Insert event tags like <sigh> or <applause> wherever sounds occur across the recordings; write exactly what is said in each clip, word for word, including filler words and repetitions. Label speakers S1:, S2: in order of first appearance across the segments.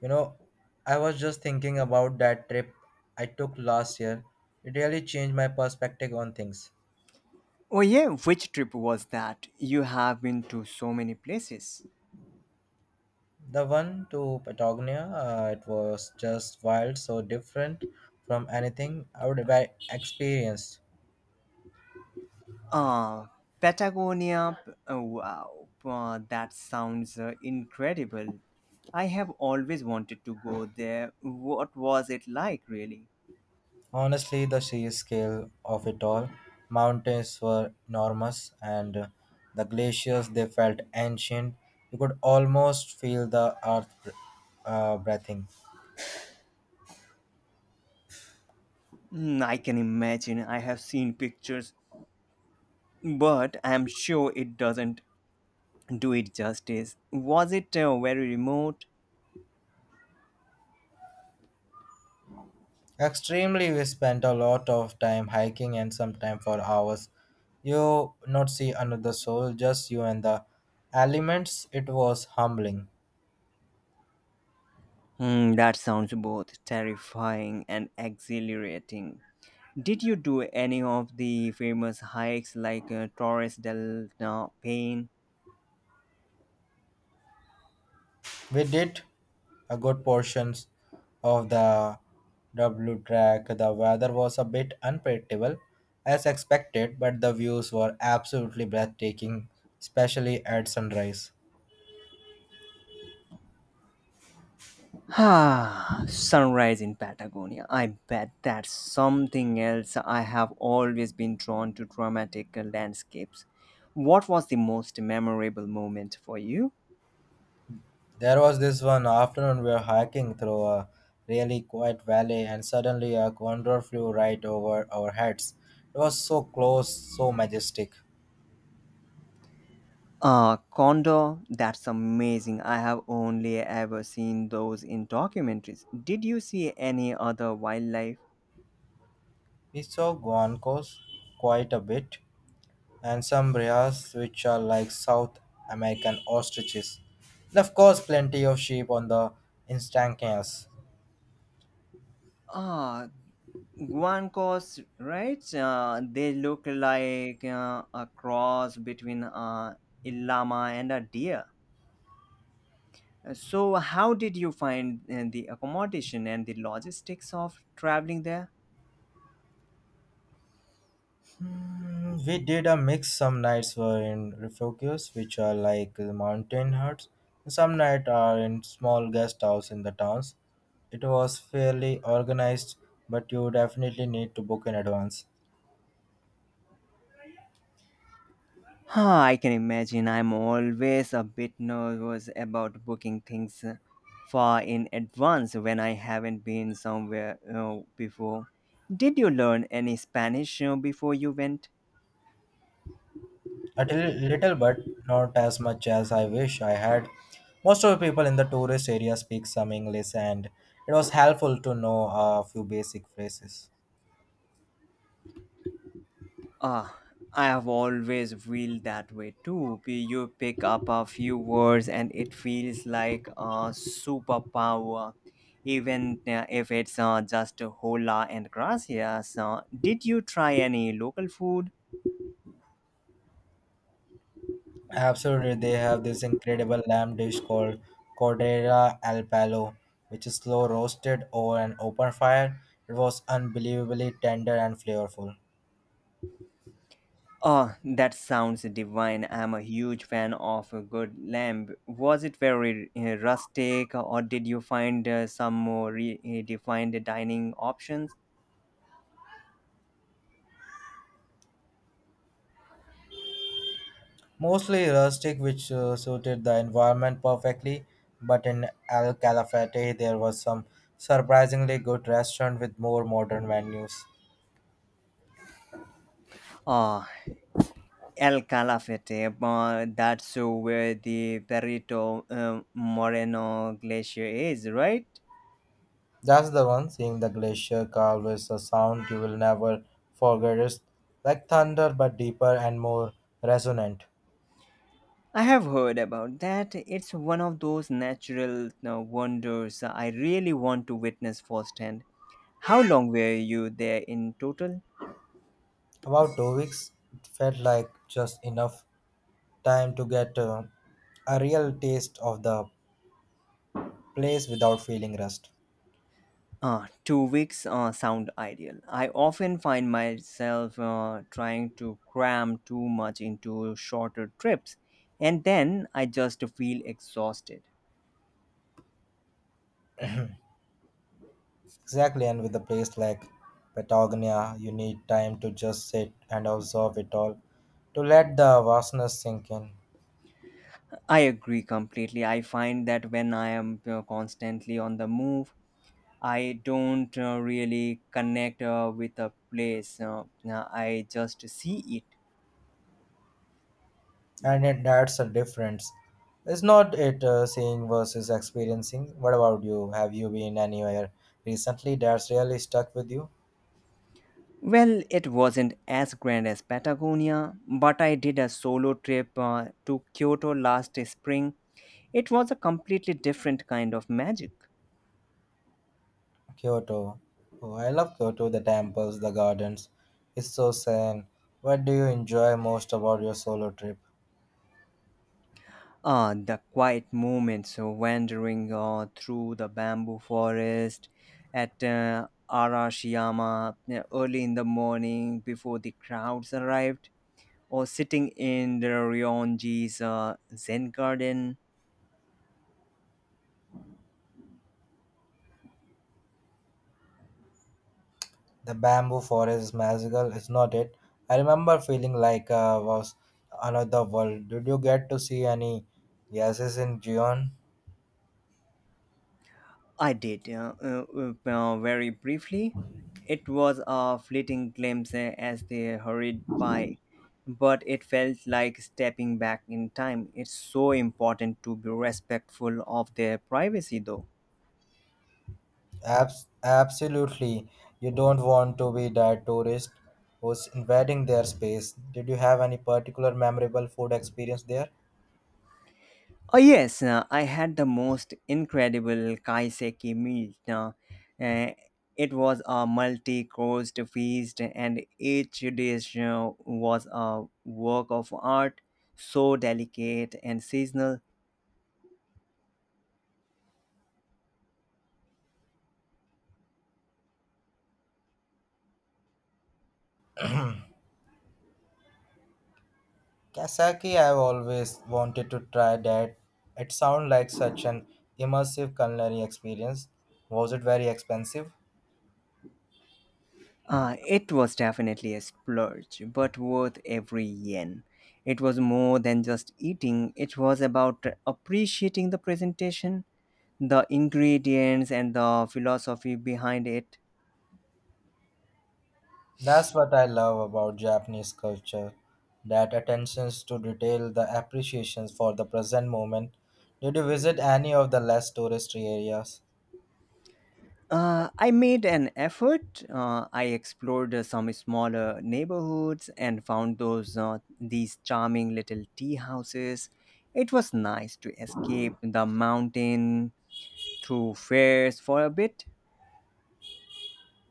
S1: You know, I was just thinking about that trip I took last year. It really changed my perspective on things.
S2: Oh yeah, which trip was that? You have been to so many places.
S1: The one to Patagonia, uh, it was just wild, so different from anything I would have experienced.
S2: Uh, Patagonia. P- uh, wow, uh, that sounds uh, incredible. I have always wanted to go there. What was it like, really?
S1: Honestly, the sheer scale of it all, mountains were enormous, and uh, the glaciers they felt ancient. You could almost feel the earth uh, breathing.
S2: Mm, I can imagine. I have seen pictures, but I am sure it doesn't do it justice. Was it uh, very remote?
S1: Extremely, we spent a lot of time hiking and sometimes for hours. You not see another soul, just you and the elements. It was humbling.
S2: Hmm, that sounds both terrifying and exhilarating. Did you do any of the famous hikes like uh, Torres del uh, Paine?
S1: We did a good portions of the W track. The weather was a bit unpredictable, as expected, but the views were absolutely breathtaking, especially at sunrise.
S2: <sighs> Ah, sunrise in Patagonia. I bet that's something else. I have always been drawn to dramatic uh, landscapes. What was the most memorable moment for you?
S1: There was this one afternoon we were hiking through a really quiet valley and suddenly a condor flew right over our heads. It was so close, so majestic.
S2: Uh, Condor, that's amazing. I have only ever seen those in documentaries. Did you see any other wildlife?
S1: We saw guancos quite a bit and some brias which are like South American ostriches. And of course plenty of sheep on the instancanes.
S2: Ah, Guancos, right? Uh, they look like uh, a cross between uh, a llama and a deer. So, how did you find uh, the accommodation and the logistics of traveling there?
S1: Mm, we did a mix. Some nights were in refugios, which are like the mountain huts, and some nights are in small guest house in the towns. It was fairly organized, but you definitely need to book in advance.
S2: Huh, I can imagine I'm always a bit nervous about booking things uh, far in advance when I haven't been somewhere uh, before. Did you learn any Spanish uh, before you went?
S1: A till- little, but not as much as I wish I had. Most of the people in the tourist area speak some English, and it was helpful to know a few basic phrases.
S2: Ah, I have always felt that way too. P- You pick up a few words and it feels like a superpower, even uh, if it's uh, just hola and gracias. Uh, did you try any local food?
S1: Absolutely, they have this incredible lamb dish called Cordera al Palo, which is slow roasted over an open fire. It was unbelievably tender and flavorful.
S2: Oh, that sounds divine. I'm a huge fan of a good lamb. Was it very uh, rustic or did you find uh, some more redefined dining options?
S1: Mostly rustic, which uh, suited the environment perfectly, but in Al Calafate there was some surprisingly good restaurant with more modern menus.
S2: Ah, El Calafate, uh, that's uh, where the Perito um, Moreno Glacier is, right?
S1: That's the one, seeing the glacier carve is a sound you will never forget. It's like thunder, but deeper and more resonant.
S2: I have heard about that. It's one of those natural uh, wonders I really want to witness firsthand. How long were you there in total?
S1: About two weeks felt like just enough time to get uh, a real taste of the place without feeling rushed.
S2: Uh, two weeks uh, sound ideal. I often find myself uh, trying to cram too much into shorter trips, and then I just feel exhausted.
S1: Exactly, and with a place like Patagonia, you need time to just sit and observe it all, to let the vastness sink in.
S2: I agree completely. I find that when I am uh, constantly on the move, I don't uh, really connect uh, with a place. Uh, uh, I just see it.
S1: And it, that's a difference. It's not it uh, seeing versus experiencing. What about you? Have you been anywhere recently that's really stuck with you?
S2: Well, it wasn't as grand as Patagonia, but I did a solo trip uh, to Kyoto last spring. It was a completely different kind of magic.
S1: Kyoto. Oh, I love Kyoto, the temples, the gardens. It's so zen. What do you enjoy most about your solo trip?
S2: Ah, the quiet moments of wandering uh, through the bamboo forest at uh, Arashiyama uh, early in the morning before the crowds arrived, or sitting in the Ryonji's uh, Zen garden.
S1: The bamboo forest is magical, is not it? I remember feeling like I was another world. Did you get to see any gases in Gion?
S2: I did uh, uh, uh, uh, very briefly. It was a fleeting glimpse uh, as they hurried by, but it felt like stepping back in time. It's so important to be respectful of their privacy, though.
S1: Abs- absolutely. You don't want to be that tourist who's invading their space. Did you have any particular memorable food experience there?
S2: Oh yes, uh, I had the most incredible kaiseki meal. Uh, uh, it was a multi-course feast, and each dish uh, was a work of art, so delicate and seasonal.
S1: Kasaki, I've always wanted to try that. It sounds like such an immersive culinary experience. Was it very expensive?
S2: Uh, it was definitely a splurge, but worth every yen. It was more than just eating; it was about appreciating the presentation, the ingredients, and the philosophy behind it.
S1: That's what I love about Japanese culture, that attentions to detail, the appreciations for the present moment. Did you visit any of the less touristy areas?
S2: Uh, I made an effort. Uh, I explored uh, some smaller neighborhoods and found those uh, these charming little tea houses. It was nice to escape the mountain through fairs for a bit.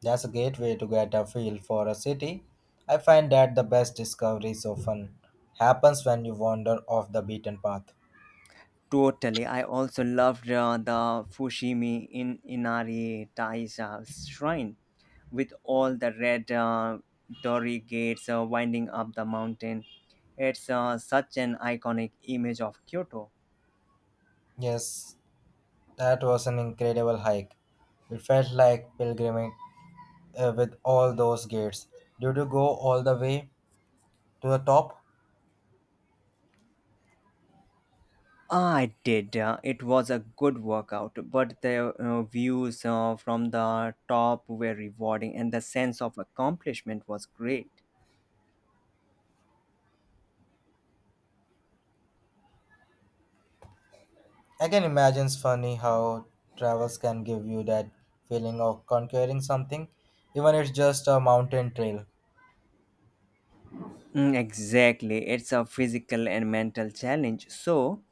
S1: That's a great way to get a feel for a city. I find that the best discoveries often happens when you wander off the beaten path.
S2: Totally. I also loved uh, the Fushimi in Inari Taisha shrine with all the red uh, torii gates uh, winding up the mountain. It's uh, such an iconic image of Kyoto.
S1: Yes, that was an incredible hike. It felt like pilgrimage uh, with all those gates. Did you go all the way to the top?
S2: I did. Uh, it was a good workout, but the uh, views uh, from the top were rewarding and the sense of accomplishment was great.
S1: I can imagine it's funny how travels can give you that feeling of conquering something, even if it's just a mountain trail.
S2: Mm, exactly. It's a physical and mental challenge. So,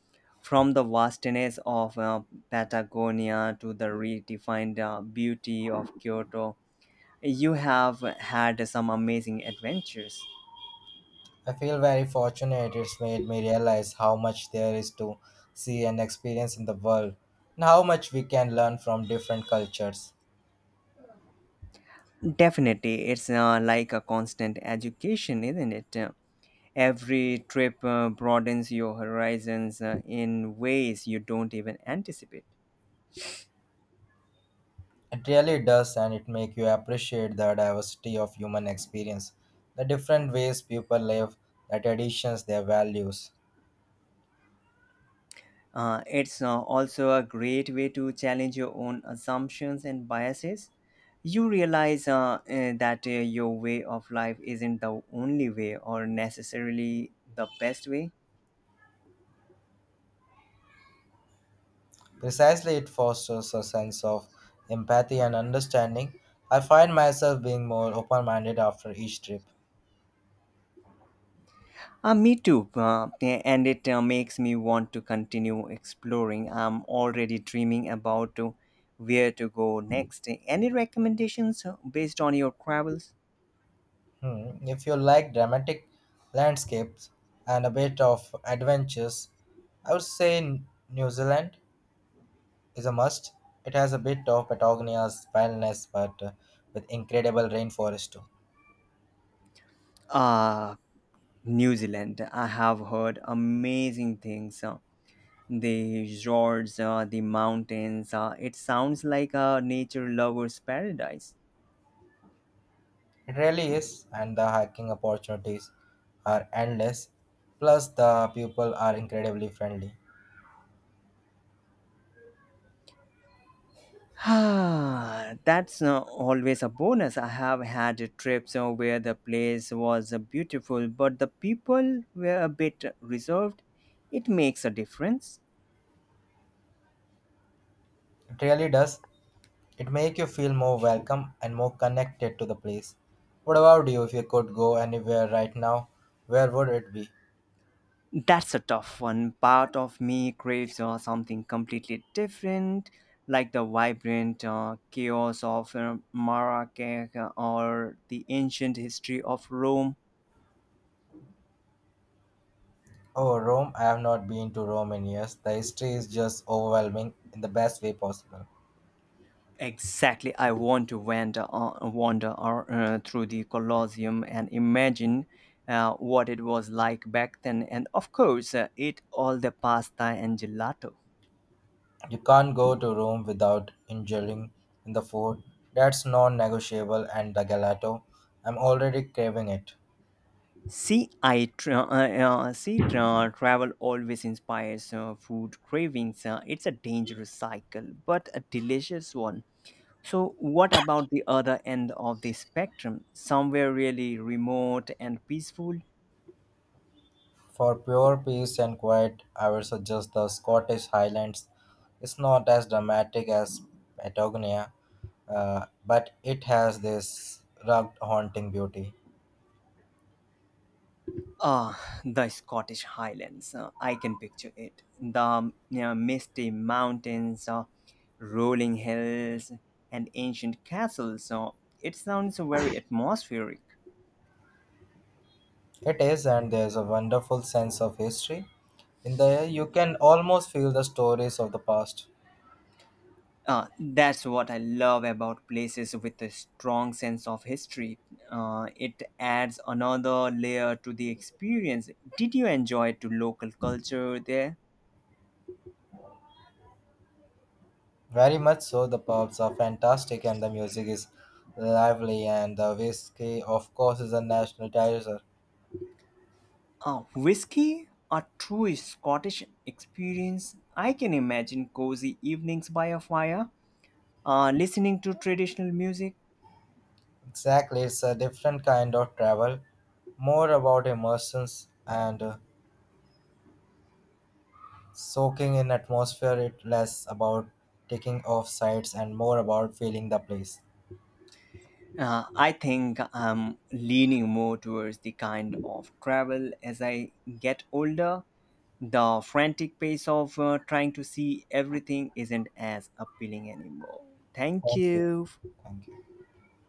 S2: from the vastness of uh, Patagonia to the redefined uh, beauty of Kyoto, you have had some amazing adventures.
S1: I feel very fortunate it's made me realize how much there is to see and experience in the world, and how much we can learn from different cultures.
S2: Definitely, it's uh, like a constant education, isn't it? Every trip uh, broadens your horizons uh, in ways you don't even anticipate.
S1: It really does, and it makes you appreciate the diversity of human experience, the different ways people live, the traditions, their values.
S2: Uh, it's uh, also a great way to challenge your own assumptions and biases. You realize uh, uh, that uh, your way of life isn't the only way or necessarily the best way.
S1: Precisely, it fosters a sense of empathy and understanding. I find myself being more open minded after each trip.
S2: Uh, me too, uh, and it uh, makes me want to continue exploring. I'm already dreaming about uh, where to go next. Any recommendations uh, based on your travels?
S1: Hmm. If you like dramatic landscapes and a bit of adventures, I would say N- New Zealand is a must. It has a bit of Patagonia's wildness, but uh, with incredible rainforest too.
S2: Uh, New Zealand. I have heard amazing things. uh, The resorts, uh, the mountains. Uh, it sounds like a nature lover's paradise. <sighs>
S1: It really is, and the hiking opportunities are endless. Plus, the people are incredibly friendly.
S2: Ah, that's uh, always a bonus. I have had trips uh, where the place was uh, beautiful, but the people were a bit reserved. It makes a difference.
S1: It really does. It make you feel more welcome and more connected to the place. What about you? If you could go anywhere right now, where would it be?
S2: That's a tough one. Part of me craves uh, something completely different, like the vibrant uh, chaos of uh, Marrakech or the ancient history of Rome.
S1: Oh, Rome. I have not been to Rome in years. The history is just overwhelming in the best way possible.
S2: Exactly, I want to wander, uh, wander or, uh, through the Colosseum and imagine uh, what it was like back then. And of course, uh, eat all the pasta and gelato.
S1: You can't go to Rome without indulging in the food. That's non-negotiable, and the gelato. I'm already craving it.
S2: See, I tra- uh, uh, see, tra- travel always inspires uh, food cravings. Uh, it's a dangerous cycle, but a delicious one. So, what about the other end of the spectrum? Somewhere really remote and peaceful?
S1: For pure peace and quiet, I would suggest the Scottish Highlands. It's not as dramatic as Patagonia, uh, but it has this rugged, haunting beauty.
S2: Ah, the Scottish Highlands. Uh, I can picture it. The you know, misty mountains, uh, rolling hills, and ancient castles. So, it sounds very atmospheric.
S1: It is, and there's a wonderful sense of history. In the air, you can almost feel the stories of the past.
S2: Uh, that's what I love about places with a strong sense of history. Uh, it adds another layer to the experience. Did you enjoy to local culture there?
S1: Very much so, the pubs are fantastic, and the music is lively, and the whiskey, of course, is a national treasure.
S2: Uh, whiskey, a true Scottish experience. I can imagine cozy evenings by a fire, uh, listening to traditional music.
S1: Exactly, it's a different kind of travel, more about immersions and uh, soaking in atmosphere. It less about taking off sites and more about feeling the place.
S2: Uh, I think I'm leaning more towards the kind of travel as I get older. The frantic pace of uh, trying to see everything isn't as appealing anymore. Thank
S1: Thank you.
S2: you.
S1: Thank you.